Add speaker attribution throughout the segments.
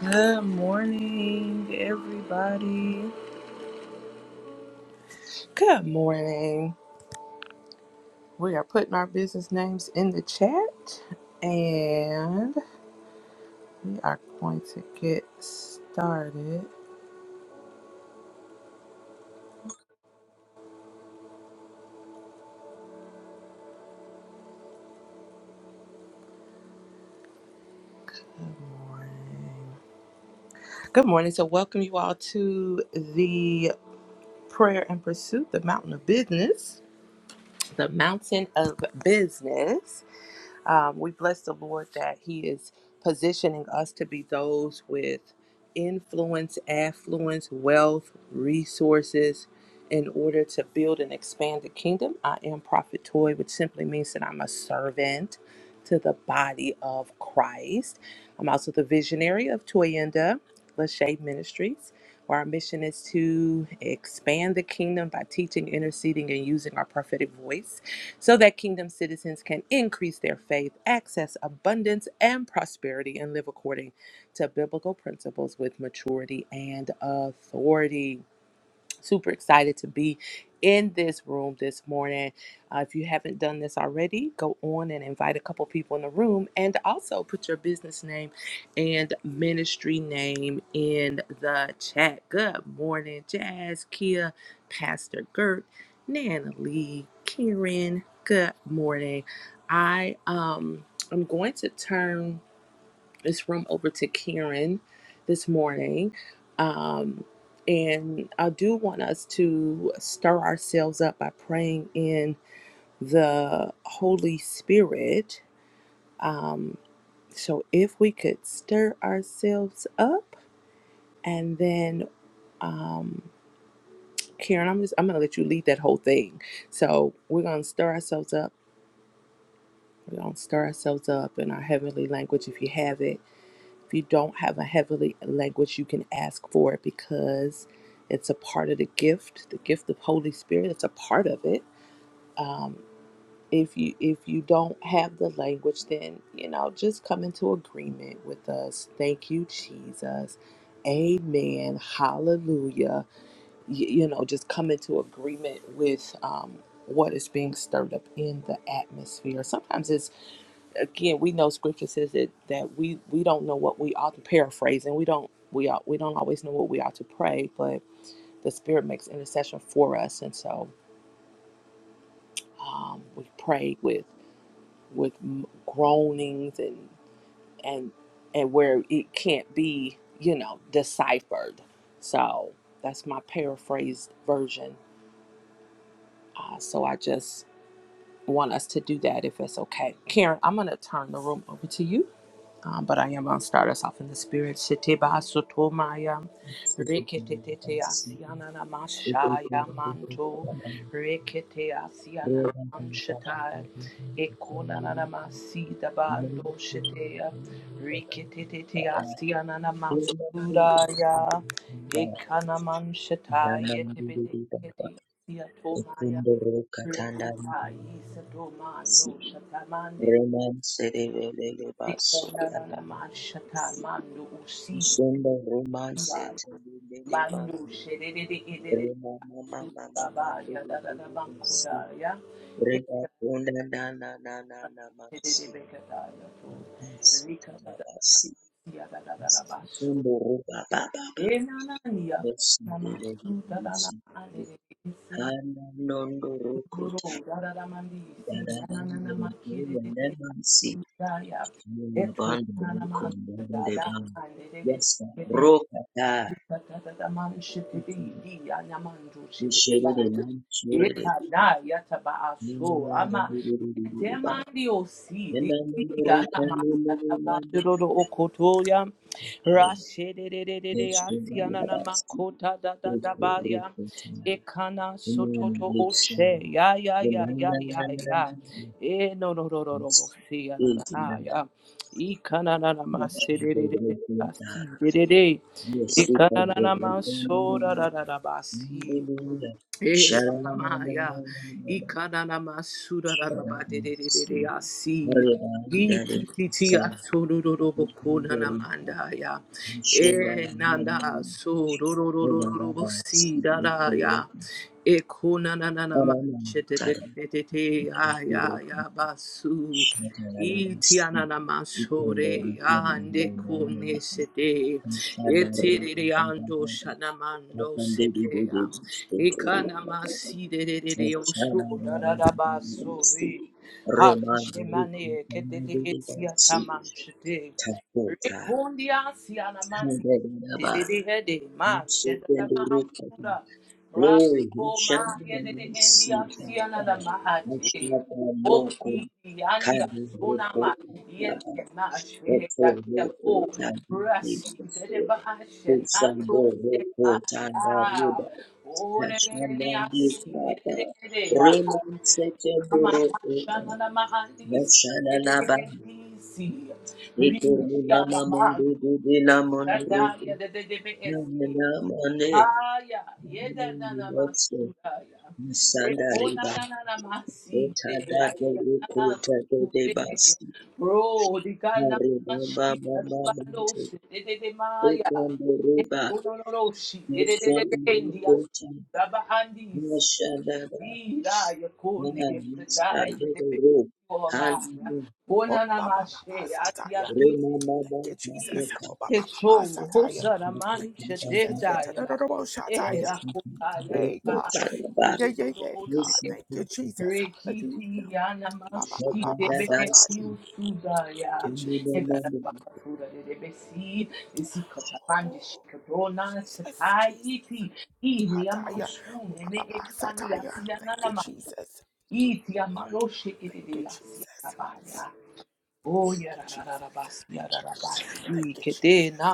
Speaker 1: Good morning, everybody. Good morning. We are putting our business names in the chat and we are going to get started. Good morning. Good morning. So, welcome you all to the Prayer and Pursuit, the Mountain of Business. The Mountain of Business. Um, we bless the Lord that He is positioning us to be those with influence, affluence, wealth, resources in order to build and expand the kingdom. I am Prophet Toy, which simply means that I'm a servant to the body of Christ. I'm also the visionary of Toyenda Lachey Ministries. Where our mission is to expand the kingdom by teaching, interceding, and using our prophetic voice so that kingdom citizens can increase their faith, access abundance and prosperity, and live according to biblical principles with maturity and authority. Super excited to be in this room this morning. Uh, if you haven't done this already, go on and invite a couple people in the room and also put your business name and ministry name in the chat. Good morning, Jazz, Kia, Pastor Gert, Nana Lee, Karen. Good morning. I um I'm going to turn this room over to Karen this morning. Um, and I do want us to stir ourselves up by praying in the Holy Spirit. Um, so if we could stir ourselves up and then um, Karen, I'm just I'm gonna let you lead that whole thing. So we're gonna stir ourselves up. We're gonna stir ourselves up in our heavenly language if you have it If you don't have a heavenly language, you can ask for it because it's a part of the gift, the gift of Holy Spirit. It's a part of it. Um, if you if you don't have the language, then you know just come into agreement with us. Thank you, Jesus. Amen. Hallelujah. Y- you know, just come into agreement with um, what is being stirred up in the atmosphere. Sometimes it's again we know scripture says that that we we don't know what we ought to paraphrase and we don't we ought we don't always know what we ought to pray but the spirit makes intercession for us and so um, we pray with with m- groanings and and and where it can't be you know deciphered so that's my paraphrased version uh, so i just want us to do that if it's okay karen i'm going to turn the room over to you Um, but I am going to start us off in the spirit. Siteba sotomaya, reketete asiana namashaya manto, rekete asiana namshataya, ekona namasi dabando shetea, reketete asiana namasudaya, ekana manshataya, tebete kete asiatomaya, rekata yisatomando shatamande Ikona la la Ikonanamashata mando usi
Speaker 2: Shonda romance
Speaker 1: zebaya.
Speaker 2: tendele
Speaker 1: Mando
Speaker 2: bandu
Speaker 1: shedede edede
Speaker 2: rema mama mama mando
Speaker 1: susabaya
Speaker 2: de de
Speaker 1: dadada
Speaker 2: de de si
Speaker 1: bankodaya. de
Speaker 2: rega ponda na na na na na
Speaker 1: shedede bekadaya to.
Speaker 2: Yes,
Speaker 1: Rika sada ya da da da da basu. e na na Enananiya na dadana alele ese. Duro da da da mandi si na na na na makere de nananana makedede susaya. Eto nanamashata de de
Speaker 2: roka ta
Speaker 1: Tatataman shitidi di anamandu shitidi
Speaker 2: ushere the
Speaker 1: baya.
Speaker 2: mansure de
Speaker 1: Ekana yataba aso ama yetemandi osi di
Speaker 2: Yenda
Speaker 1: di
Speaker 2: muruka
Speaker 1: anamasa
Speaker 2: nini mambo
Speaker 1: tabandoro okotoya. Rashedededede
Speaker 2: Yes,
Speaker 1: asi
Speaker 2: roka ta
Speaker 1: ananamakota tatabaya. Ekana sototo
Speaker 2: Thank you.
Speaker 1: oshe ya ya ya ya
Speaker 2: Hallelujah.
Speaker 1: ya ya. E no no no no no bosi ananaya. Ikana nanamasede asi dedede. Ikanana mansora da da da basi. Eh, Ramaya, Ikananama Sudaraba de de de de Asi, Ikiti Asororoboko Eh Nanda Sorororobosi Raya. Ekona Nanama Shete de de de de Aya ya Yabasu, Itiananama Sore, Ande Konesete,
Speaker 2: Glory,
Speaker 1: Etiriando Shanamando Sepea de de de de de osu da da da basuri. Hayashemane kete de esia tamanchete. Rekondia siana man Diddy Hede, ma shedda mahamsuda Rasko
Speaker 2: who shall
Speaker 1: ma de
Speaker 2: we
Speaker 1: india
Speaker 2: see?
Speaker 1: siana da mahati
Speaker 2: Mshaka loko
Speaker 1: Oki yandia
Speaker 2: kadi roko
Speaker 1: sunama yete ma
Speaker 2: eto
Speaker 1: shedda kia po
Speaker 2: roko tanda
Speaker 1: Brasi
Speaker 2: roko
Speaker 1: dede ba shenando
Speaker 2: kusando
Speaker 1: se ma
Speaker 2: roko
Speaker 1: ya
Speaker 2: tanda
Speaker 1: Ore dede ne
Speaker 2: Kashandandi
Speaker 1: asi
Speaker 2: Baba.
Speaker 1: dede dede ya
Speaker 2: Reman Sete Burukota.
Speaker 1: Rimshana
Speaker 2: Nashana Laba. Ekuru Mama
Speaker 1: Mando,
Speaker 2: Mundu Dudila
Speaker 1: Sataya,
Speaker 2: Munduruku.
Speaker 1: the DBSC.
Speaker 2: Namina Mane.
Speaker 1: Haya, yeda na
Speaker 2: Namundu
Speaker 1: na
Speaker 2: Motsu.
Speaker 1: masudaya.
Speaker 2: Nasanda
Speaker 1: Ekona
Speaker 2: Riba.
Speaker 1: na na na maside,
Speaker 2: Otada
Speaker 1: atia na
Speaker 2: Doruku Tade
Speaker 1: masude.
Speaker 2: Debasi.
Speaker 1: Bro, dika na
Speaker 2: Haribaba
Speaker 1: masida da
Speaker 2: Mama
Speaker 1: bando
Speaker 2: Mundu.
Speaker 1: se, de de de maya.
Speaker 2: Ekuru Riba.
Speaker 1: Ekona no no shi, de de de de
Speaker 2: Nashana
Speaker 1: de india.
Speaker 2: Rukota.
Speaker 1: Daba andi si,
Speaker 2: Nashana Laba.
Speaker 1: ira ya kone se da ya
Speaker 2: Nashana
Speaker 1: de de koma.
Speaker 2: Rukota.
Speaker 3: Oh,
Speaker 1: Ona na
Speaker 3: ba, ba, ba, ba,
Speaker 1: mashe, atia
Speaker 3: sataya.
Speaker 2: Good
Speaker 3: Thank you,
Speaker 2: morning.
Speaker 1: ki
Speaker 3: Jesus. Oh, ba, ba, ba, ba,
Speaker 1: Eso,
Speaker 3: sataya.
Speaker 1: Hosana
Speaker 3: Thank you,
Speaker 1: Mancha
Speaker 3: Jesus. Yeah, ta, da,
Speaker 1: Dedaya,
Speaker 3: da, da, bo, shataya.
Speaker 1: Era Kotaya,
Speaker 3: Hey, God. Yeah, yeah, yeah,
Speaker 1: Rudo
Speaker 3: yeah,
Speaker 1: Oche,
Speaker 3: God. Thank you, Jesus. Hallelujah.
Speaker 1: Rekiti Yana
Speaker 3: Ba, ba, ba,
Speaker 1: Mashi,
Speaker 3: ba, ba,
Speaker 1: Debeke
Speaker 3: sataya. Thank
Speaker 1: Sudaya,
Speaker 3: you, Jesus.
Speaker 1: Ebala Bakapura de Debesi, Isikotamandi
Speaker 3: Oh,
Speaker 1: Shikadona,
Speaker 3: Jesus, Jesus.
Speaker 1: Sataiti, Ili
Speaker 3: Hataya.
Speaker 1: Amansu,
Speaker 3: Oh, ba,
Speaker 1: Neme
Speaker 3: ba, ba,
Speaker 1: Eliani
Speaker 3: sataya.
Speaker 1: Asiana
Speaker 3: Thank you,
Speaker 1: Namako,
Speaker 3: Jesus.
Speaker 1: Iti Amaroshe
Speaker 3: Thank you,
Speaker 1: de Asia
Speaker 3: Jesus.
Speaker 1: Tabaya. Oh,
Speaker 3: Thank you, Jesus.
Speaker 1: yarararabas,
Speaker 3: Thank you, Jesus.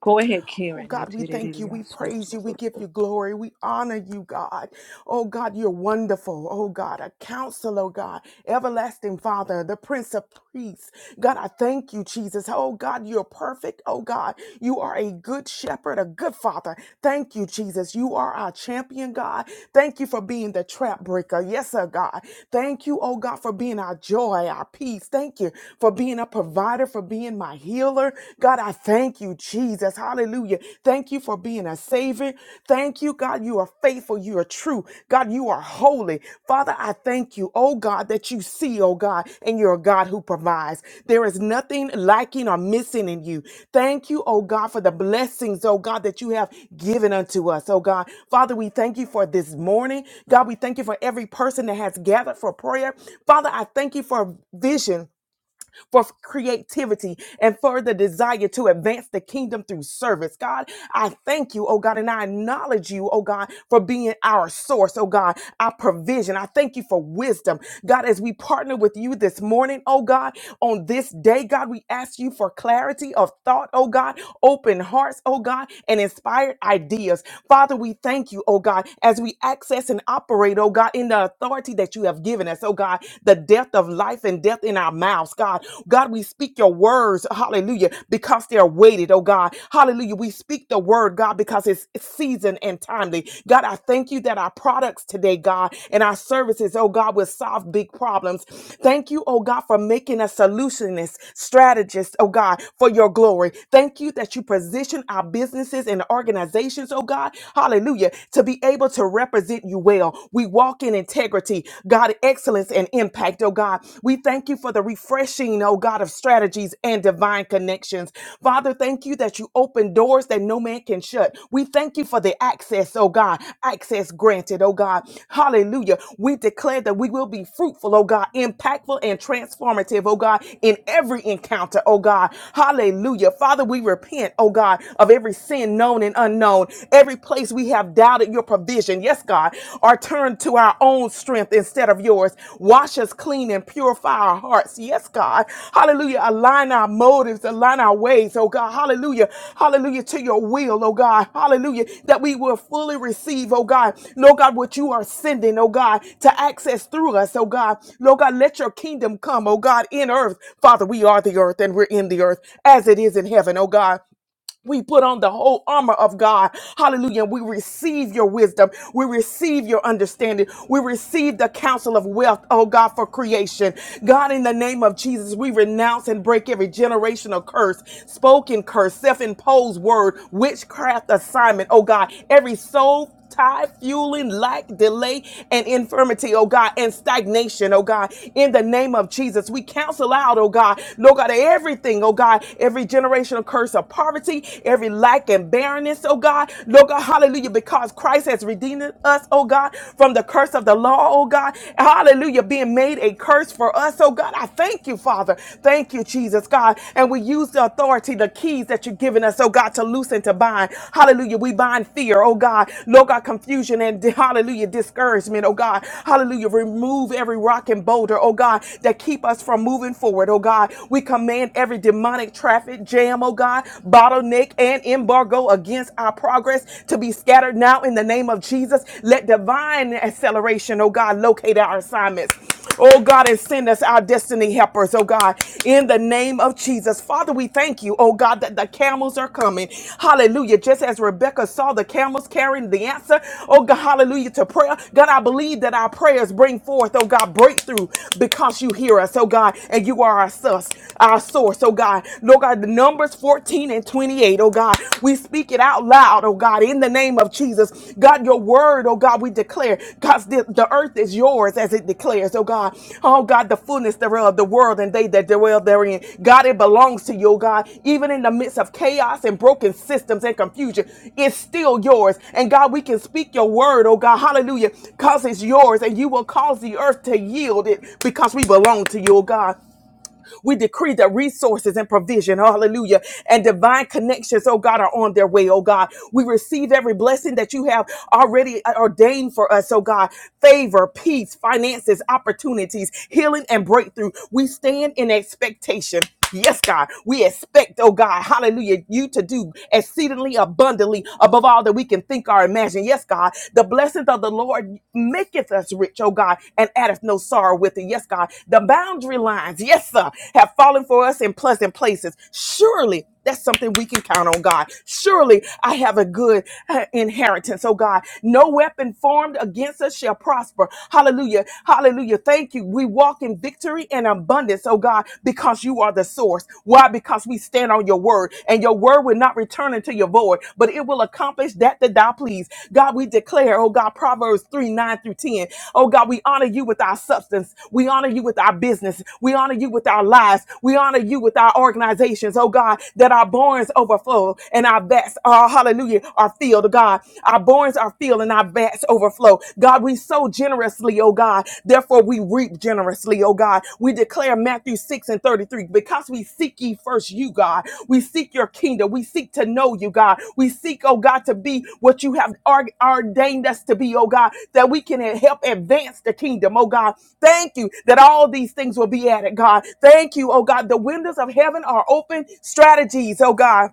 Speaker 1: Go ahead,
Speaker 3: Oh
Speaker 1: Karen.
Speaker 3: God, we thank you. We praise you. We
Speaker 1: Iteririyasururu.
Speaker 3: give you glory. We honor you, God. Oh God, you're wonderful. Oh God, a counselor, oh, God, everlasting Father, the Prince of Peace. God, I thank you, Jesus. Oh God, you're perfect. Oh God, you are a good shepherd, a good father. Thank you, Jesus. You are our champion, God. Thank you for being the trap breaker. Yes, sir, God. Thank you, oh God, for being our joy, our peace. Thank you for being a provider, for being my healer. God, I thank you, Jesus. Hallelujah. Thank you for being a savior. Thank you, God. You are faithful. You are true. God, you are holy. Father, I thank you thank you, oh God, that you see, oh God, and you're a God who provides. There is nothing lacking or missing in you. Thank you, oh God, for the blessings, oh God, that you have given unto us, oh God. Father, we thank you for this morning. God, we thank you for every person that has gathered for prayer. Father, I thank you for vision for creativity and for the desire to advance the kingdom through service. God, I thank you, oh God, and I acknowledge you, oh God, for being our source, oh God, our provision. I thank you for wisdom. God, as we partner with you this morning, oh God, on this day, God, we ask you for clarity of thought, oh God, open hearts, oh God, and inspired ideas. Father, we thank you, oh God, as we access and operate, oh God, in the authority that you have given us, oh God. God, the death of life and death in our mouths, God. God, we speak your words, hallelujah, because they're weighted, oh God. Hallelujah. We speak the word, God, because it's it's seasoned and timely. God, I thank you that our products today, God, and our services, oh God, will solve big problems. Thank you, oh God, for making us solutionists, strategists, oh God, for your glory. Thank you that you position our businesses and organizations, oh God, hallelujah, to be able to represent you well well. We walk in integrity, God, excellence and impact, oh God. We thank you for the refreshing, oh God, of strategies and divine connections. Father, thank you that you open doors that no man can shut. We thank you for the access, oh God, access granted, oh God. Hallelujah. We declare that we will be fruitful, oh God, impactful and transformative, oh God, in every encounter, oh God. Hallelujah. Father, we repent, oh God, of every sin known and unknown, Every place we have doubted your provision, yes, God, or turned to our own strength instead of yours. Wash us clean and purify our hearts, yes, God. Hallelujah. Align our motives, align our ways, oh God. Hallelujah. Hallelujah to your will, oh God. Hallelujah. That we will fully receive, oh God. Lord God, what you are sending, oh God, to access through us, oh God. Lord God, let your kingdom come, oh God, in earth. Father, we are the earth and we're in the earth as it is in heaven, oh God. We put on the whole armor of God. Hallelujah. We receive your wisdom. We receive your understanding. We receive the counsel of wealth, oh God, for creation. God, in the name of Jesus, we renounce and break every generational curse, spoken curse, self imposed word, witchcraft assignment, oh God, every soul tie, fueling, lack, delay, and infirmity, oh God, and stagnation, oh God. In the name of Jesus, we counsel out, oh God, Lord God, everything, oh God, every generational curse of poverty, every lack and barrenness, oh God, Lord God, hallelujah, because Christ has redeemed us, oh God, from the curse of the law, oh God, hallelujah, being made a curse for us, oh God. I thank you, Father. Thank you, Jesus, God. And we use the authority, the keys that you've given us, oh God, to loosen, to bind. Hallelujah. We bind fear, oh God. Lord God, confusion and hallelujah, discouragement, oh God. Hallelujah. Remove every rock and boulder, oh God, that keep us from moving forward, oh God. We command every demonic traffic jam, oh God, bottleneck and embargo against our progress to be scattered now in the name of Jesus. Let divine acceleration, oh God, locate locate our assignments. Oh God, and send us our destiny helpers, oh God, in the name of Jesus. Father, we thank you, oh God, that the camels are coming. Hallelujah. Just as Rebecca saw the camels carrying the answer, oh God, hallelujah, to prayer. God, I believe that our prayers bring forth, oh God, breakthrough because you hear us, oh God, and you are our source, our source, oh God. Lord God, the numbers 14 and 28, oh God, we speak it it out loud, oh God, in the name of Jesus. God, your word, oh God, we declare. God, the, the earth is yours as it declares, oh God. Oh God, the fullness thereof, the world and they that dwell therein. God, it belongs to you, oh God. Even in the midst of chaos and broken systems and confusion, it's still yours. And God, we can speak your word, oh God, hallelujah, because it's yours and you will cause the earth to yield it because we belong to you, oh God. We decree that resources and provision, hallelujah, and divine connections, oh God, are on their way, oh God. We receive every blessing that you have already uh, ordained for us, oh God. Favor, peace, finances, opportunities, healing, and breakthrough. We stand in expectation. Yes, God, we expect, oh God, hallelujah, you to do exceedingly abundantly above all that we can think or imagine. Yes, God, the blessings of the Lord maketh us rich, oh God, and addeth no sorrow with it. Yes, God, the boundary lines, yes, sir, have fallen for us in pleasant places. Surely that's something we can count on, God. Surely I have a good uh, inheritance, oh God. No weapon formed against us shall prosper. Hallelujah. Hallelujah. Thank you. We walk in victory and abundance, oh God, because you are the source. Why? Because we stand on your word, and your word will not return into your void, but it will accomplish that that thou please. God, we declare declare, oh God, Proverbs 3 9 through 10. Oh God, we honor you with our substance. We honor you with our business. We honor you with our lives. We honor you with our organizations. Oh God, that our barns overflow and our vats, are hallelujah, are filled. God, our barns are filled and our vats overflow. God, we sow generously, oh God. Therefore, we reap generously, oh God. God. We declare Matthew 6 and 33 because we seek ye first you, God. We seek your kingdom. We seek to know you, God. We seek, oh God, to be what you have ar- ordained us to be, oh God, that we can help advance the kingdom, oh God. Thank you that all these things will be added, God. Thank you, oh God. The windows of heaven are open strategies, oh God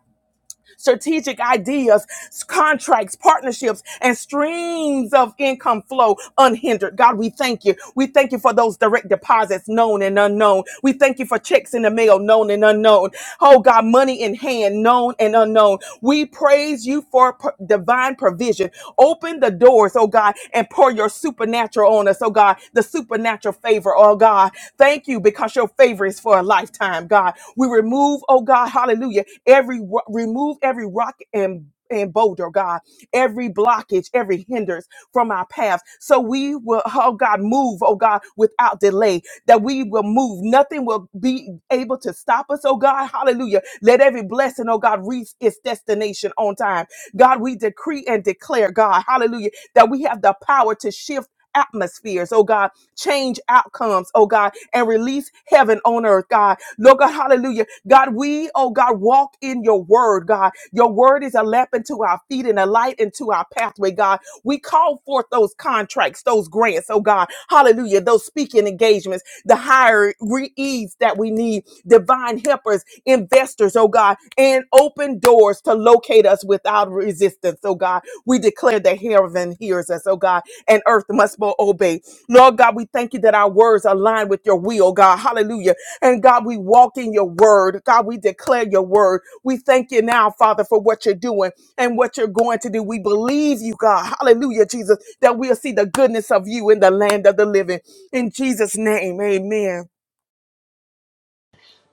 Speaker 3: strategic ideas, contracts, partnerships, and streams of income flow unhindered. God, we thank you. We thank you for those direct deposits, known and unknown. We thank you for checks in the mail, known and unknown. Oh God, money in hand, known and unknown. We praise you for p- divine provision. Open the doors, oh God, and pour your supernatural on us, oh God, the supernatural favor, oh God. Thank you because your favor is for a lifetime, God. We remove, oh God, hallelujah, every ro- remove every rock and and boulder, oh God, every blockage, every hindrance from our path. So we will, oh God, move, oh God, without delay, that we will move. Nothing will be able to stop us, oh God, hallelujah. Let every blessing, oh God, reach its destination on time. God, we decree and declare, God, hallelujah, that we have the power to shift atmospheres, oh God, change outcomes, oh God, and release heaven on earth, God. Lord God, hallelujah. God, we, oh God, walk in your word, God. Your word is a lamp unto our feet and a light into our pathway, God. We call forth those contracts, those grants, oh God, hallelujah, those speaking engagements, the higher reeds that we need, divine helpers, investors, oh God, and open doors to locate us without resistance, oh God. We declare that heaven hears us, oh God, and earth must obey. Lord God, we thank you that our words align with your will, God. Hallelujah and God, we walk in your word. God, we declare your word. We thank you now, Father, for what you're doing and what you're going to do. We believe you, God. Hallelujah, Jesus, that we'll see the goodness of you in the land of the living. In Jesus' name, amen.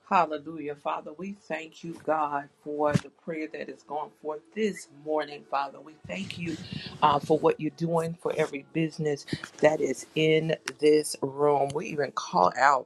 Speaker 1: Hallelujah, Father. We thank you, God, for the prayer that is going forth this morning, Father. We thank you uh, for what you're doing for every business that is in this room. We even call out.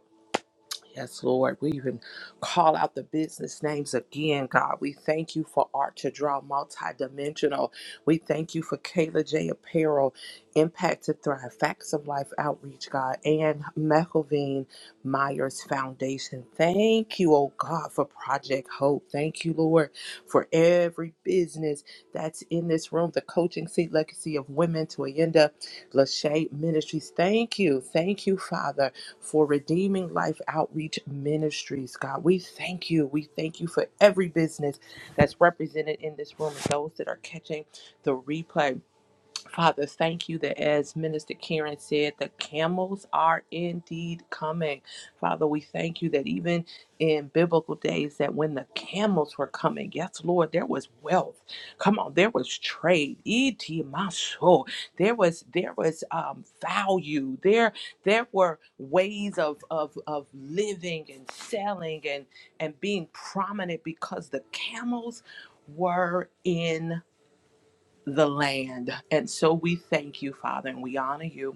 Speaker 1: Yes, Lord. We even call out the business names again, God. We thank you for Art to Draw Multidimensional. We thank you for Kayla J. Apparel, Impact to Thrive, Facts of Life Outreach, God, and McElveen Myers Foundation. Thank you, oh God, for Project Hope. Thank you, Lord, for every business that's in this room, the coaching seat legacy of women to Ayenda Lachey Ministries. Thank you. Thank you, Father for Redeeming Life Outreach Ministries, God. We thank you. We thank you for every business that's represented in this room and those that are catching the replay. Father, thank you that as Minister Karen said, the camels are indeed coming. Father, we thank you that even in biblical days, that when the camels were coming, yes, Lord, there was wealth. Come on, there was trade. Iti maso. There was there was um, value. There there were ways of, of of living and selling and and being prominent because the camels were in the land. And so we thank you, Father, and we honor you.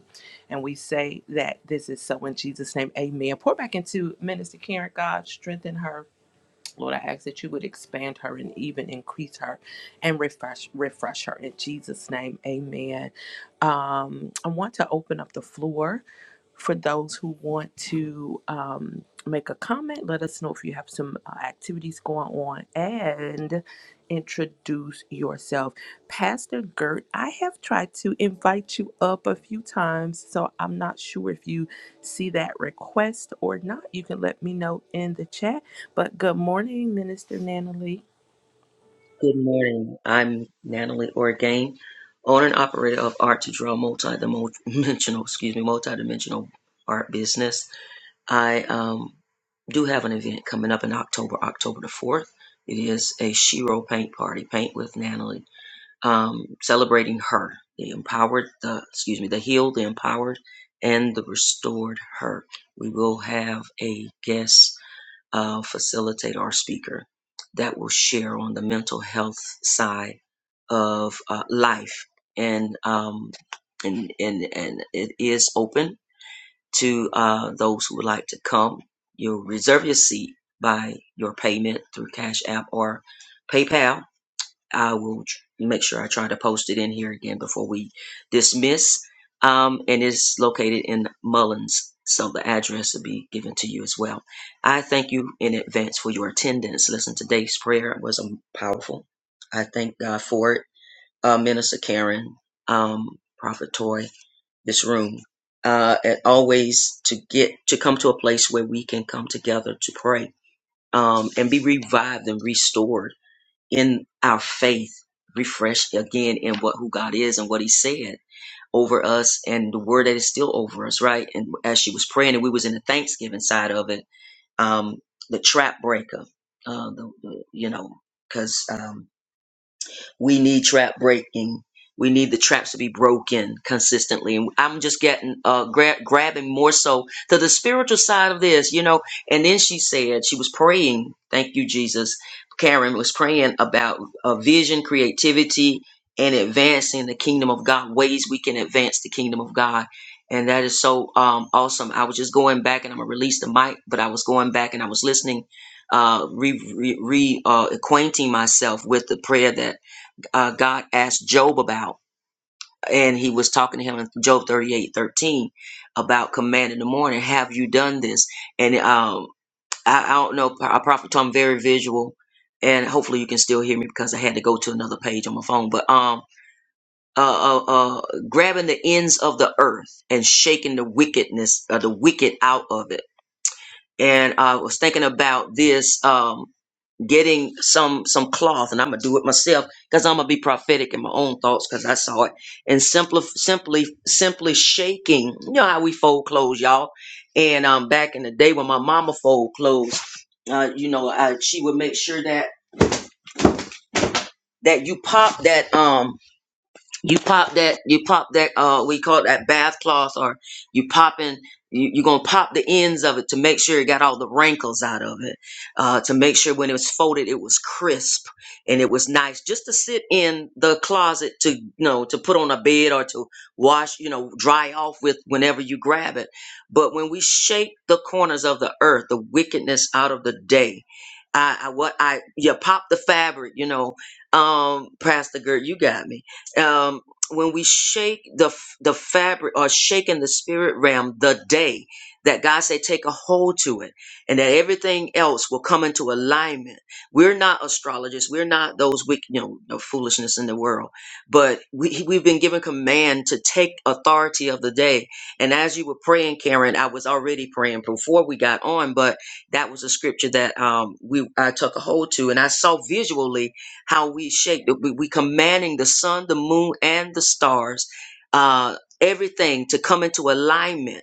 Speaker 1: And we say that this is so in Jesus' name. Amen. Pour back into Minister Karen, God, strengthen her. Lord, I ask that you would expand her and even increase her and refresh refresh her in Jesus' name. Amen. Um, I want to open up the floor for those who want to um, make a comment. Let us know if you have some uh, activities going on and introduce yourself. Pastor Gert, I have tried to invite you up a few times, so I'm not sure if you see that request or not. You can let me know in the chat. But good morning, Minister Natalie.
Speaker 2: I'm Natalie Orgain, owner and operator of Art to Draw multi-dimensional, excuse me, multi-dimensional art business. I um, do have an event coming up in October, October the 4th. It is a Shiro paint party, paint with Natalie. um, celebrating her, the empowered, the excuse me, the healed, the empowered, and the restored her. We will have a guest uh, facilitator or speaker that will share on the mental health side of uh, life, and um, and and and it is open to uh, those who would like to come. You'll reserve your seat by your payment through Cash App or PayPal I will make sure I try to post it in here again before we dismiss. Um, and it's located in Mullins, so the address will be given to you as well. I thank you in advance for your attendance. Listen, today's prayer was um, powerful. I thank God for it. Uh, Minister Karen, um, Prophet Toy, this room. Uh, and always to get to come to a place where we can come together to pray um, and be revived and restored in our faith refreshed again in what who God is and what he said over us and the word that is still over us right and as she was praying and we was in the thanksgiving side of it um the trap breaker uh the, the you know because um we need trap breaking. We need the traps to be broken consistently. And I'm just getting, uh, gra- grabbing more so to the spiritual side of this, you know. And then she said, she was praying. Thank you, Jesus. Karen was praying about uh, vision, creativity, and advancing the kingdom of God, ways we can advance the kingdom of God. And that is so um, awesome. I was just going back and I'm going to release the mic, but I was going back and I was listening, uh, re, re, re uh, acquainting myself with the prayer that uh, God asked Job about. And he was talking to him in Job 38, 13, about command in the morning. Have you done this? And um, I, I don't know, Pro- Prophet Tom, very visual. And hopefully you can still hear me because I had to go to another page on my phone. But um, uh, uh, uh, grabbing the ends of the earth and shaking the wickedness, uh, the wicked out of it. And I was thinking about this. Um, getting some some cloth and i'm gonna do it myself because i'm gonna be prophetic in my own thoughts because i saw it and simply simply simply shaking you know how we fold clothes y'all and um back in the day when my mama fold clothes uh you know I, she would make sure that that you pop that um you pop that you pop that uh we call it that bath cloth or you popping you, you're gonna pop the ends of it to make sure it got all the wrinkles out of it uh to make sure when it was folded it was crisp and it was nice just to sit in the closet to you know to put on a bed or to wash you know dry off with whenever you grab it but when we shake the corners of the earth the wickedness out of the day I, I what I you pop the fabric you know um Pastor Gert you got me um, when we shake the f- the fabric or shake in the spirit realm the day that God said take a hold to it and that everything else will come into alignment. We're not astrologists. We're not those wick you know, the foolishness in the world. But we, we've been given command to take authority of the day. And as you were praying, Karen, I was already praying before we got on, but that was a scripture that um, we I took a hold to. And I saw visually how we shake. the- We, we commanding the sun, the moon, and the stars, uh, everything to come into alignment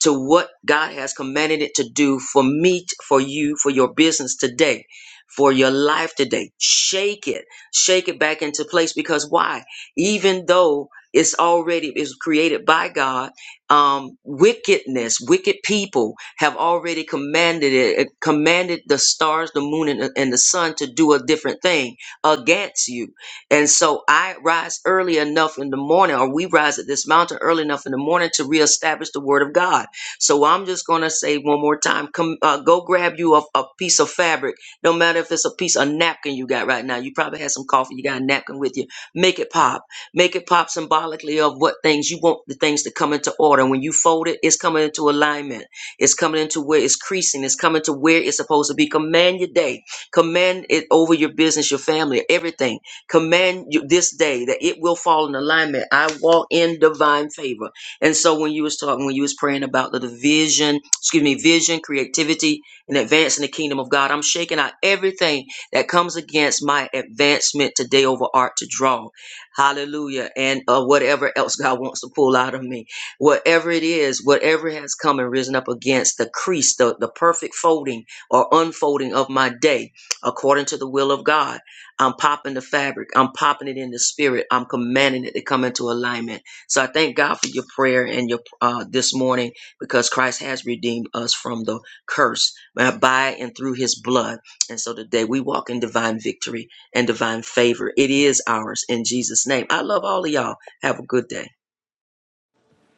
Speaker 2: to what God has commanded it to do for me, for you, for your business today, for your life today. Shake it, shake it back into place because why? Even though it's already is created by God, um, wickedness, wicked people have already commanded it, eh, commanded the stars, the moon, and and the sun to do a different thing against you. And so I rise early enough in the morning, or we rise at this mountain early enough in the morning to reestablish the word of God so I'm just going to say one more time come, uh, go grab you a, a piece of fabric, no matter if it's a piece of napkin you got right now. You probably had some coffee, you got a napkin with you. Make it pop. Make it pop symbolically of what things you want the things to come into order. When you fold it, it's coming into alignment, it's coming into where it's creasing, it's coming to where it's supposed to be. Command your day, command it over your business, your family, everything command you this day that it will fall in alignment. I walk in divine favor. And so when you was talking, when you was praying about the division, excuse me, vision, creativity, and advancing the kingdom of God, I'm shaking out everything that comes against my advancement today over art to draw. Hallelujah. And uh, whatever else God wants to pull out of me, whatever it is, whatever has come and risen up against the crease, the, the perfect folding or unfolding of my day, according to the will of God, I'm popping the fabric. I'm popping it in the spirit. I'm commanding it to come into alignment so I thank God for your prayer and your uh, this morning because Christ has redeemed us from the curse uh, by and through His blood. And so today we walk in divine victory and divine favor. It is ours in Jesus' name. I love all of y'all. Have a good day.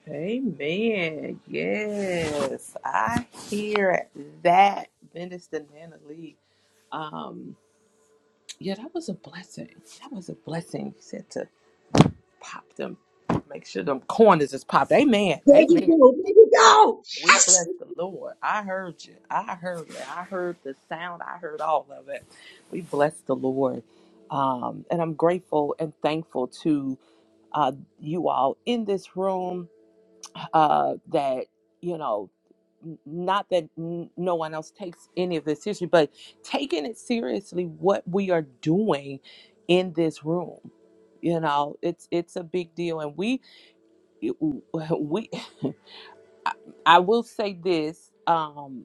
Speaker 1: Amen. Yes, I hear that, Minister Natalie. Um, yeah, that was a blessing. That was a blessing. He said to pop them, make sure them corners is popped. Amen.
Speaker 2: There you
Speaker 1: Amen.
Speaker 2: go. There you go.
Speaker 1: We
Speaker 2: Yes.
Speaker 1: bless the Lord. I heard you. I heard it. I heard the sound. I heard all of it. We bless the Lord. Um, and I'm grateful and thankful to uh, you all in this room uh, that, you know, n- not that n- no one else takes any of this seriously, but taking it seriously, what we are doing in this room you know it's it's a big deal and we we i will say this Um,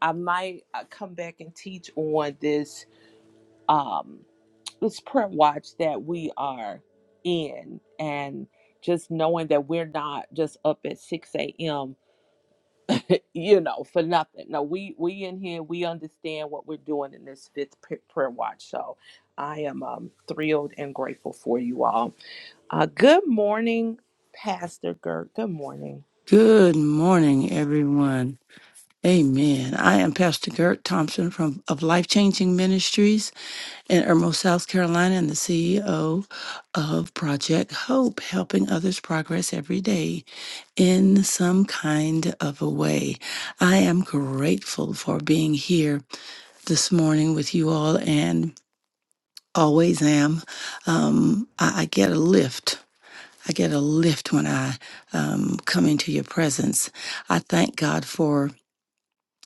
Speaker 1: I might uh, come back and teach on this um this prayer watch that we are in and just knowing that we're not just up at 6 a.m you know for nothing no we we in here we understand what we're doing in this fifth p- prayer watch so i am um, thrilled and grateful for you all uh, good morning pastor gert good morning
Speaker 4: Good morning, everyone. Amen. I am Pastor Gert Thompson from of Life Changing Ministries in Irmo, South Carolina, and the CEO of Project Hope, helping others progress every day in some kind of a way. I am grateful for being here this morning with you all and always am. Um, I, I get a lift I get a lift when I um, come into your presence. I thank God for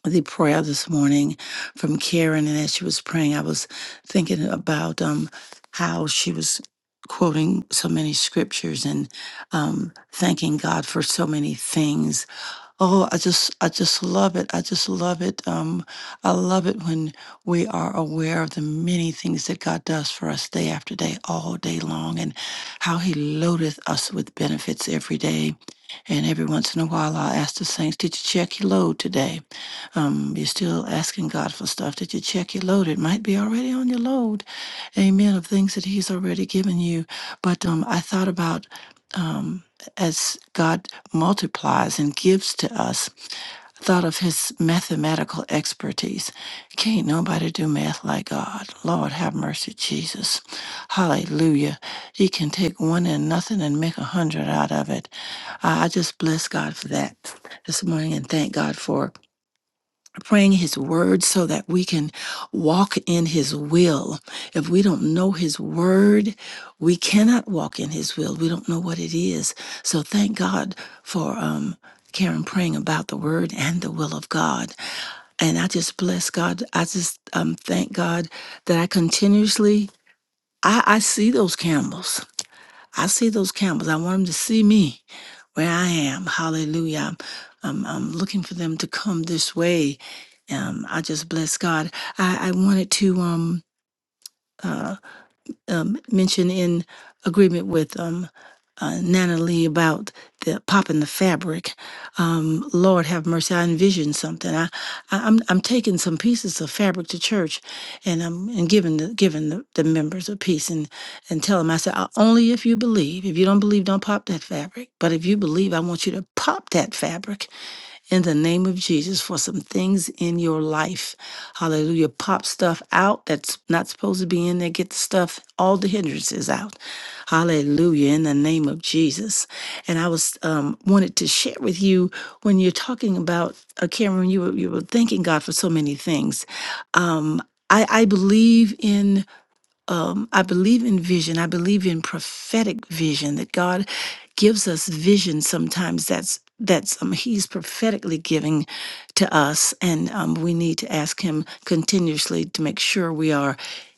Speaker 4: the prayer this morning from Karen, and as she was praying, I was thinking about um, how she was quoting so many scriptures and um, thanking God for so many things Oh, I just I just love it. I just love it. Um, I love it when we are aware of the many things that God does for us day after day, all day long, and how He loadeth us with benefits every day. And every once in a while, I'll ask the saints, Did you check your load today? Um, you're still asking God for stuff. Did you check your load? It might be already on your load, amen, of things that He's already given you. But um, I thought about um, as God multiplies and gives to us thought of his mathematical expertise. Can't nobody do math like God. Lord have mercy, Jesus. Hallelujah. He can take one and nothing and make a hundred out of it. I I just bless God for that this morning and thank God for praying his word so that we can walk in his will. If we don't know his word, we cannot walk in his will. We don't know what it is. So thank God for um Karen praying about the word and the will of God. And I just bless God. I just um thank God that I continuously I, I see those camels. I see those campers. I want them to see me where I am. Hallelujah. I'm, I'm, I'm looking for them to come this way. Um, I just bless God. I, I wanted to um, uh, um, mentioned in agreement with um, uh, Nana Lee about the popping the fabric. Um, Lord have mercy, I envisioned something. I, I I'm I'm taking some pieces of fabric to church, and I'm and giving the giving the, the members a piece and and tell them I said "Uh, only if you believe. If you don't believe, don't pop that fabric. But if you believe, I want you to pop that fabric in the name of Jesus for some things in your life. Hallelujah. Pop stuff out that's not supposed to be in there. Get the stuff, all the hindrances out. Hallelujah. In the name of Jesus. And I was um, wanted to share with you when you're talking about uh, Cameron, you were you were thanking God for so many things. Um, I, I believe in um, I believe in vision. I believe in prophetic vision that God gives us vision sometimes that's that's um, he's prophetically giving to us and um, we need to ask him continuously to make sure we are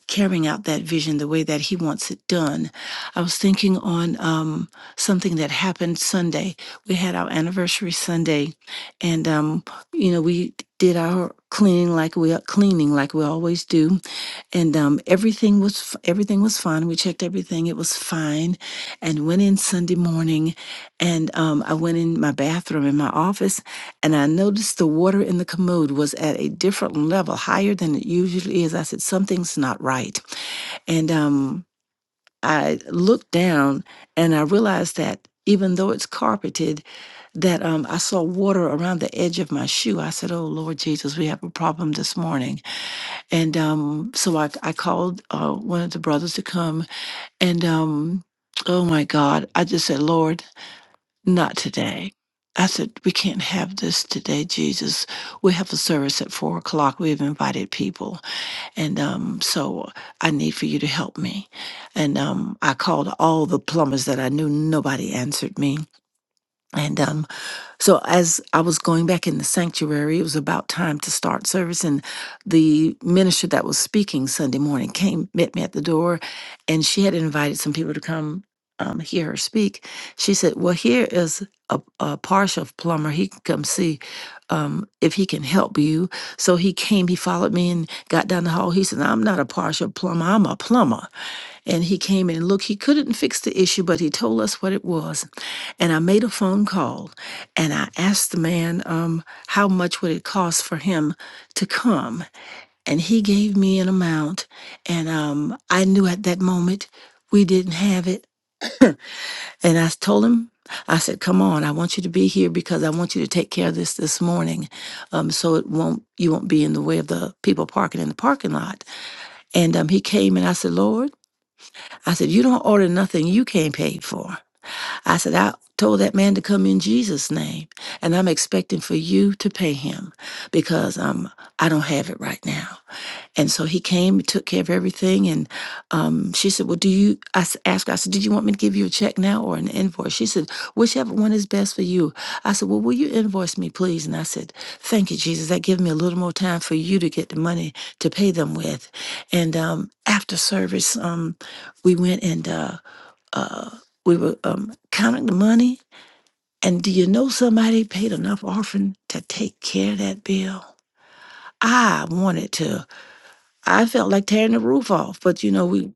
Speaker 4: carrying out that vision the way that he wants it done i was thinking on um, something that happened sunday we had our anniversary sunday and um, you know we did our cleaning like we cleaning like we always do and um, everything was everything was fine. We checked everything; it was fine, and went in Sunday morning, and um, I went in my bathroom in my office, and I noticed the water in the commode was at a different level, higher than it usually is. I said something's not right, and um, I looked down, and I realized that even though it's carpeted, that um, I saw water around the edge of my shoe. I said, "Oh Lord Jesus, we have a problem this morning." And um, so I, I called uh, one of the brothers to come. And um, oh my God, I just said, Lord, not today. I said, we can't have this today, Jesus. We have a service at four o'clock. We've invited people. And um, so I need for you to help me. And um, I called all the plumbers that I knew. Nobody answered me. And um, so as I was going back in the sanctuary, it was about time to start service, and the minister that was speaking Sunday morning came met me at the door, and she had invited some people to come um, hear her speak. She said, "Well, here is a, a partial plumber. He can come see um, if he can help you." So he came. He followed me and got down the hall. He said, "I'm not a partial plumber. I'm a plumber." And he came in and looked. He couldn't fix the issue, but he told us what it was. And I made a phone call and I asked the man um, how much would it cost for him to come, and he gave me an amount. And um, I knew at that moment we didn't have it. And I told him, I said, "Come on, I want you to be here because I want you to take care of this this morning, um, so it won't you won't be in the way of the people parking in the parking lot." And um, he came and I said, "Lord, I said you don't order nothing you can't pay for." I said, I told that man to come in Jesus' name, and I'm expecting for you to pay him because um, I don't have it right now. And so he came, and took care of everything, and um, she said, "Well, do you?" I s- asked, her, I said, "Did you want me to give you a check now or an invoice?" She said, "Whichever one is best for you." I said, "Well, will you invoice me, please?" And I said, "Thank you, Jesus. That gives me a little more time for you to get the money to pay them with." And um, after service, um, we went and. Uh, uh, we were um, counting the money. And do you know somebody paid enough offering to take care of that bill? I wanted to. I felt like tearing the roof off, but you know, we,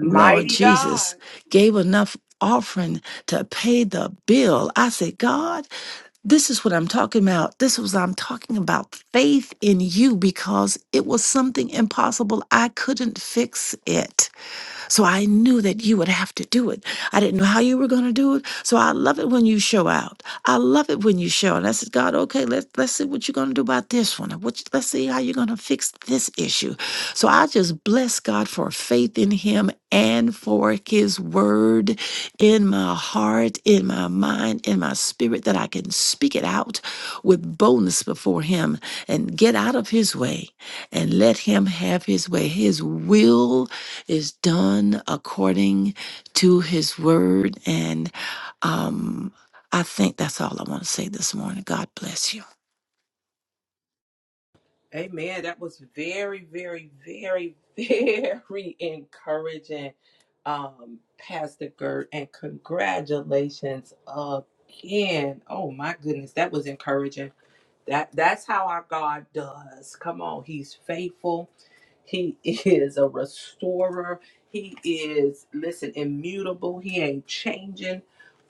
Speaker 4: Lord
Speaker 1: God.
Speaker 4: Jesus, gave enough offering to pay the bill. I said, God, this is what I'm talking about. This was I'm talking about faith in you because it was something impossible. I couldn't fix it. So I knew that you would have to do it. I didn't know how you were going to do it. So I love it when you show out. I love it when you show. And I said, God, okay, let's let's see what you're going to do about this one. and What you- let's see how you're going to fix this issue. So I just bless God for faith in Him and for His word in my heart, in my mind, in my spirit that I can speak it out with boldness before Him and get out of His way and let Him have His way. His will is done according to his word. And um, I think that's all I want to say this morning. God bless you.
Speaker 1: Amen. That was very, very, very, very encouraging, um, Pastor Gert, and congratulations again. Oh my goodness, that was encouraging. That that's how our God does. Come on, He's faithful. He is a restorer. He is, listen, immutable. He ain't changing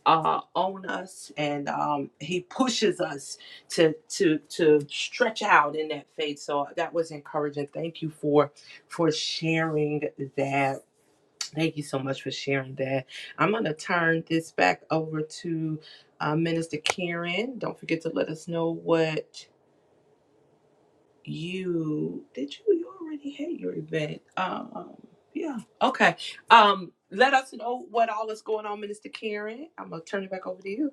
Speaker 1: uh, on us, and um, He pushes us to to to stretch out in that faith. So that was encouraging. Thank you for for sharing that. Thank you so much for sharing that. I'm gonna turn this back over to uh, Minister Karen. Don't forget to let us know what you did you you already had your event um yeah okay um let us know what all is going on minister karen i'm gonna turn it back over to you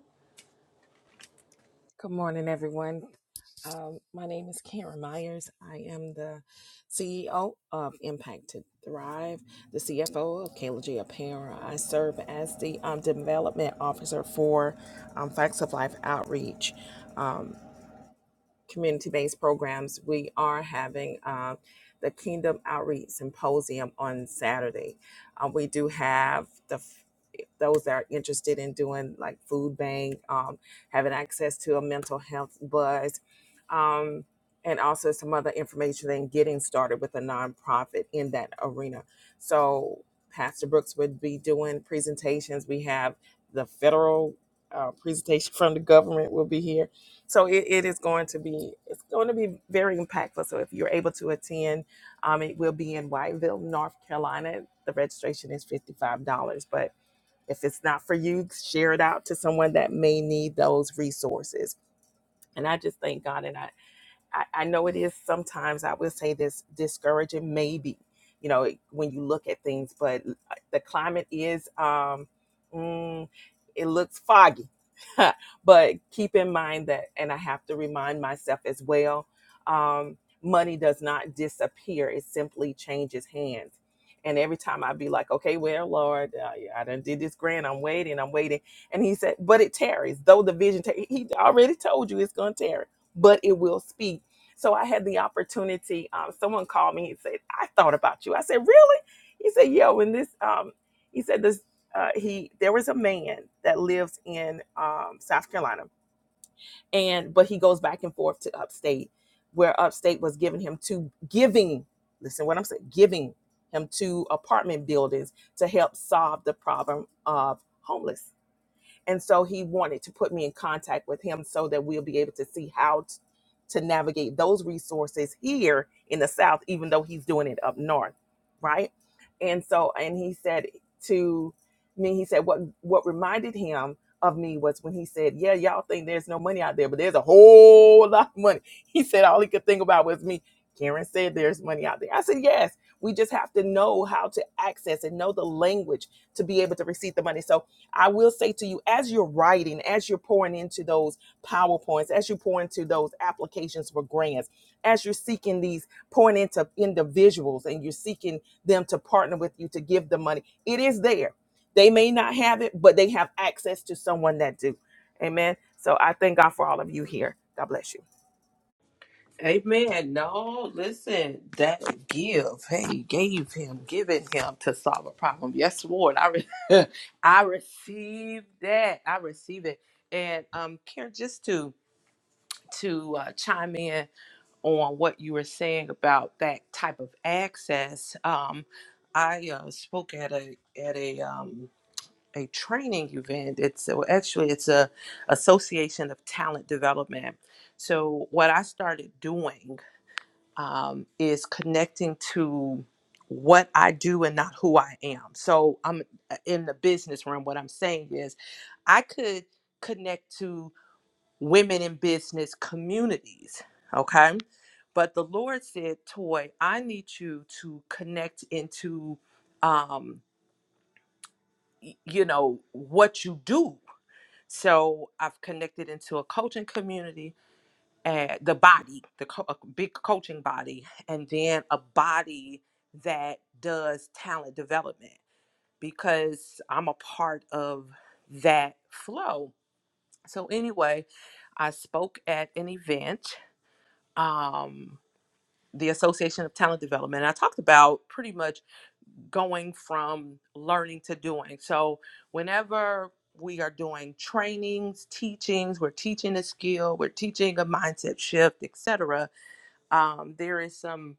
Speaker 3: Good morning, everyone. My name is Karen Myers. I am the CEO of Impact to Thrive, the CFO of Kayla G. Apparel. I serve as the um, development officer for um, Facts of Life Outreach. community-based programs, we are having uh, the Kingdom Outreach Symposium on Saturday. Uh, we do have the f- those that are interested in doing like food bank, um, having access to a mental health buzz, um, and also some other information and getting started with a nonprofit in that arena. So Pastor Brooks would be doing presentations. We have the federal uh, presentation from the government will be here so it, it is going to be it's going to be very impactful so if you're able to attend um, it will be in whiteville north carolina the registration is $55 but if it's not for you share it out to someone that may need those resources and i just thank god and i I, I know it is sometimes I would say this discouraging, maybe, you know, when you look at things, but uh, the climate is, um, mm, it looks foggy. but keep in mind that, and I have to remind myself as well, um, money does not disappear, it simply changes hands. And every time I'd be like, okay, well, Lord, uh, yeah, I done did this grant. I'm waiting, I'm waiting. And he said, but it tarries. Though the vision, tar- he already told you it's going to tarry, but it will speed so I had the opportunity. Um, someone called me and said, "I thought about you." I said, "Really?" He said, "Yo," and this, um, he said this. Uh, he there was a man that lives in um, South Carolina, and but he goes back and forth to Upstate, where Upstate was giving him two giving. Listen, what I'm saying, giving him two apartment buildings to help solve the problem of homeless." And so he wanted to put me in contact with him so that we'll be able to see how t- to navigate those resources here in the South, even though he's doing it up north, right? And so, and he said to me, he said, what what reminded him of me was when he said, "Yeah, y'all think there's no money out there, but there's a whole lot of money." He said all he could think about was me. Karen said there's money out there. I said, "Yes, we just have to know how to access and know the language to be able to receive the money." So I will say to you, as you're writing, as you're pouring into those PowerPoints, as you pour into those applications for grants, as you're seeking these, pouring into individuals and you're seeking them to partner with you to give the money, it is there. They may not have it, but they have access to someone that do. Amen. So I thank God for all of you here. God bless you.
Speaker 1: amen no listen that give hey gave him giving him to solve a problem yes lord i re- i receive that i receive it and um karen just to to uh, chime in on what you were saying about that type of access. Um, I uh, spoke at a at a um, a training event. It's well, actually it's a Association of Talent Development. So what I started doing um, is connecting to what I do and not who I am. So I'm uh, in the business room. What I'm saying is, I could connect to women in business communities. Okay. But the Lord said, Toy, I need you to connect into, um, y- you know, what you do. So I've connected into a coaching community and the body, the co- a big coaching body, and then a body that does talent development because I'm a part of that flow. So anyway, I spoke at an event um, the Association of Talent Development. And I talked about pretty much going from learning to doing. So, whenever we are doing trainings, teachings, we're teaching a skill, we're teaching a mindset shift, etc. Um, there is some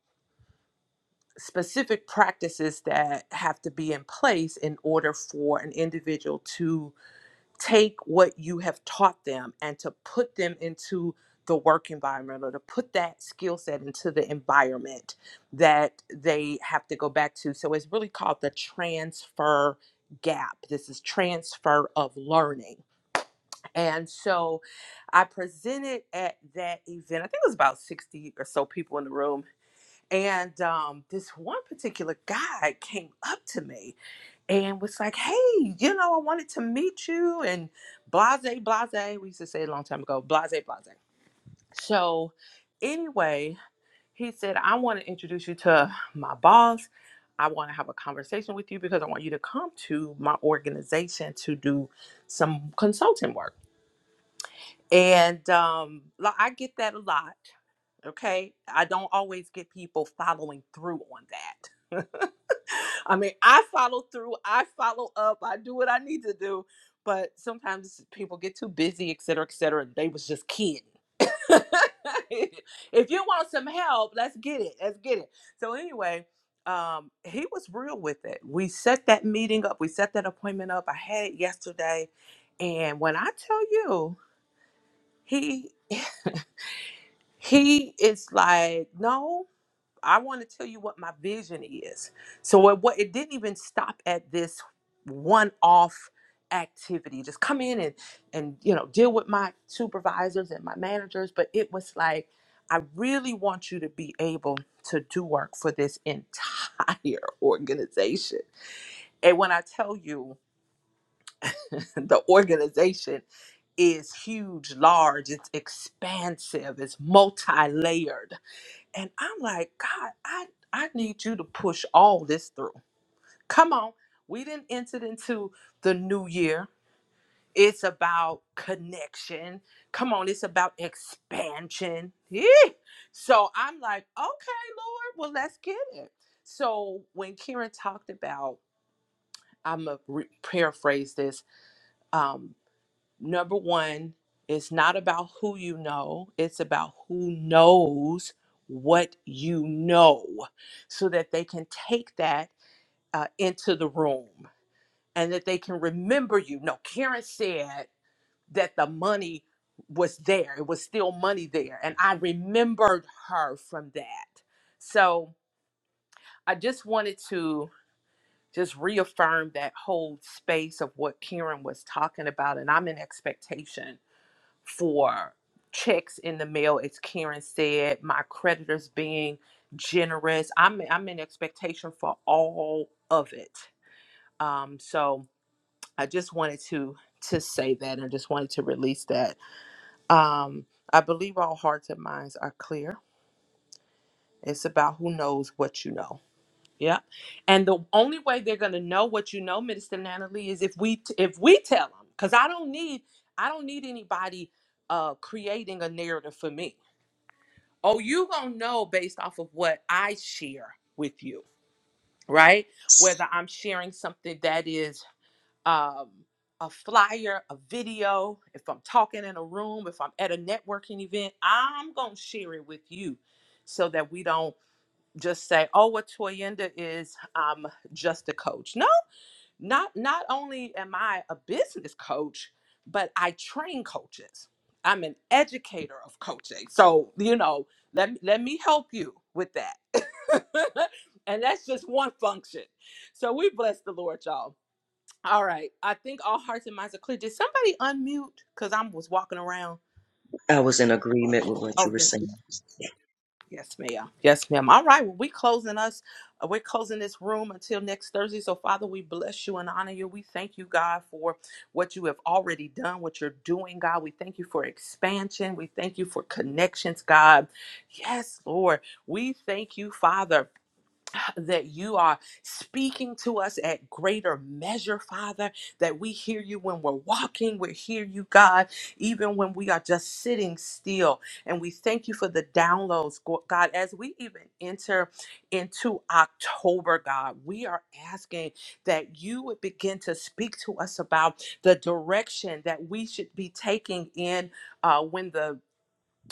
Speaker 1: specific practices that have to be in place in order for an individual to take what you have taught them and to put them into the work environment or to put that skill set into the environment that they have to go back to. So it's really called the transfer gap. This is transfer of learning. And so I presented at that event. I think it was about 60 or so people in the room. And um, this one particular guy came up to me and was like, hey, you know, I wanted to meet you and blase, blase. We used to say it a long time ago, blase, blase. So, anyway, he said, I want to introduce you to my boss. I want to have a conversation with you because I want you to come to my organization to do some consulting work. And um, I get that a lot. Okay. I don't always get people following through on that. I mean, I follow through, I follow up, I do what I need to do. But sometimes people get too busy, et cetera, et cetera. They was just kidding. if you want some help, let's get it. Let's get it. So anyway, um, he was real with it. We set that meeting up. We set that appointment up. I had it yesterday, and when I tell you, he he is like, no. I want to tell you what my vision is. So it, what it didn't even stop at this one-off activity. Just come in and and you know deal with my supervisors and my managers, but it was like I really want you to be able to do work for this entire organization. And when I tell you the organization is huge, large, it's expansive, it's multi-layered and I'm like, God, I, I need you to push all this through. Come on. We didn't enter into the new year. It's about connection. Come on, it's about expansion. Yee. So I'm like, okay, Lord, well, let's get it. So when Karen talked about, I'm going to re- paraphrase this, um, number one, it's not about who you know, it's about who knows what you know so that they can take that uh, into the room and that they can remember you. No, Karen said that the money was there, it was still money there. And I remembered her from that. So I just wanted to just reaffirm that whole space of what Karen was talking about. And I'm in expectation for checks in the mail, as Karen said, my creditors being generous. I'm I'm in expectation for all of it. Um, so I just wanted to to say that and just wanted to release that. Um, I believe all hearts and minds are clear. It's about who knows what you know. Yeah. And the only way they're gonna know what you know, Minister Natalie, is if we t- if we tell them. Cause I don't need I don't need anybody uh creating a narrative for me. Oh, you gonna know based off of what I share with you, right? Whether I'm sharing something that is um, a flyer, a video, if I'm talking in a room, if I'm at a networking event, I'm gonna share it with you, so that we don't just say, "Oh, what Toyenda is um, just a coach." No, not not only am I a business coach, but I train coaches. I'm an educator of coaching. So, you know, let me let me help you with that. and that's just one function. So we bless the Lord, y'all. All right. I think all hearts and minds are clear. Did somebody unmute? Because I was walking around.
Speaker 2: I was in agreement with what you
Speaker 1: Oh
Speaker 2: were
Speaker 1: yes.
Speaker 2: saying.
Speaker 1: Yes, ma'am. Yes, ma'am. All right. Well, we closing us. uh, We're closing this room until next Thursday. So, Father, we bless you and honor you. We thank you, God, for what you have already done, what you're doing, God. We thank you for expansion. We thank you for connections, God. Yes, Lord. We thank you, Father that you are speaking to us at greater measure, Father, that we hear you when we're walking, we hear you, God, even when we are just sitting still. And we thank you for the downloads, Go- God, as we even enter into October, God, we are asking that you would begin to speak to us about the direction that we should be taking in uh, when the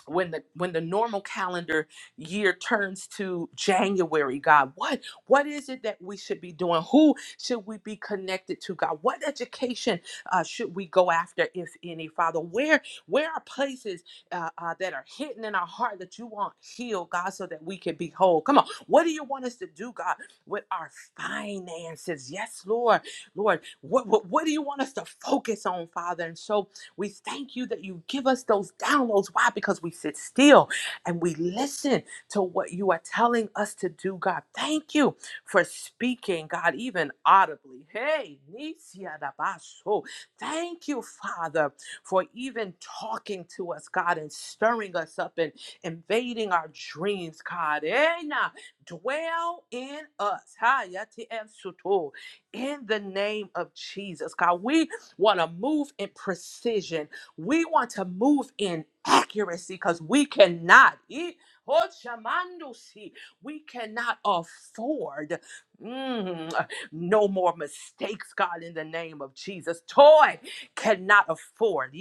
Speaker 1: when the when the normal calendar year turns to January, God, what what is it that we should be doing? Who should we be connected to, God? What education uh, should we go after, if any, Father? Where where are places uh, uh, that are hidden in our heart that you want healed, God, so that we can be whole? Come on, what do you want us to do, God, with our finances? Yes, Lord, Lord, what what, what do you want us to focus on, Father? And so we thank you that you give us those downloads. Why? Because we sit still and we listen to what you are telling us to do, God. Thank you for speaking, God, even audibly. Hey, Nisia da Baso. Thank you, Father, for even talking to us, God, and stirring us up and invading our dreams, God. Eh, nah. Dwell in us. Ha, yati em suto. In the name of Jesus, God. We want to move in precision. We want to move in accuracy because we cannot eat. Oh, shamandusi. We cannot afford mm, no more mistakes, God, in the name of Jesus. Toy cannot afford.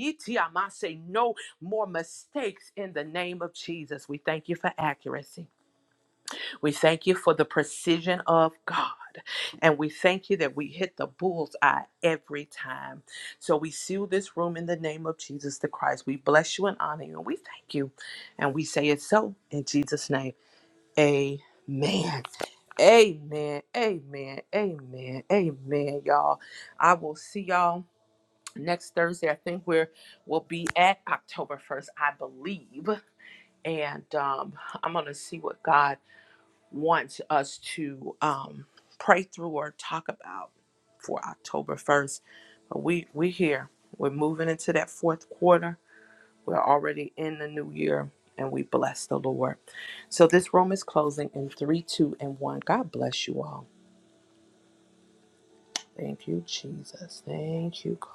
Speaker 1: Say no more mistakes in the name of Jesus. We thank you for accuracy. We thank you for the precision of God. And we thank you that we hit the bull's eye every time. So we seal this room in the name of Jesus the Christ. We bless you and honor you. And we thank you. And we say it so in Jesus' name. Amen. Amen. Amen. Amen. Amen, y'all. I will see y'all next Thursday. I think we're we'll be at October 1st, I believe. And um, I'm gonna see what God wants us to um, pray through or talk about for October 1st. But we we here. We're moving into that fourth quarter. We're already in the new year and we bless the Lord. So this room is closing in three, two, and one. God bless you all. Thank you, Jesus. Thank you, God.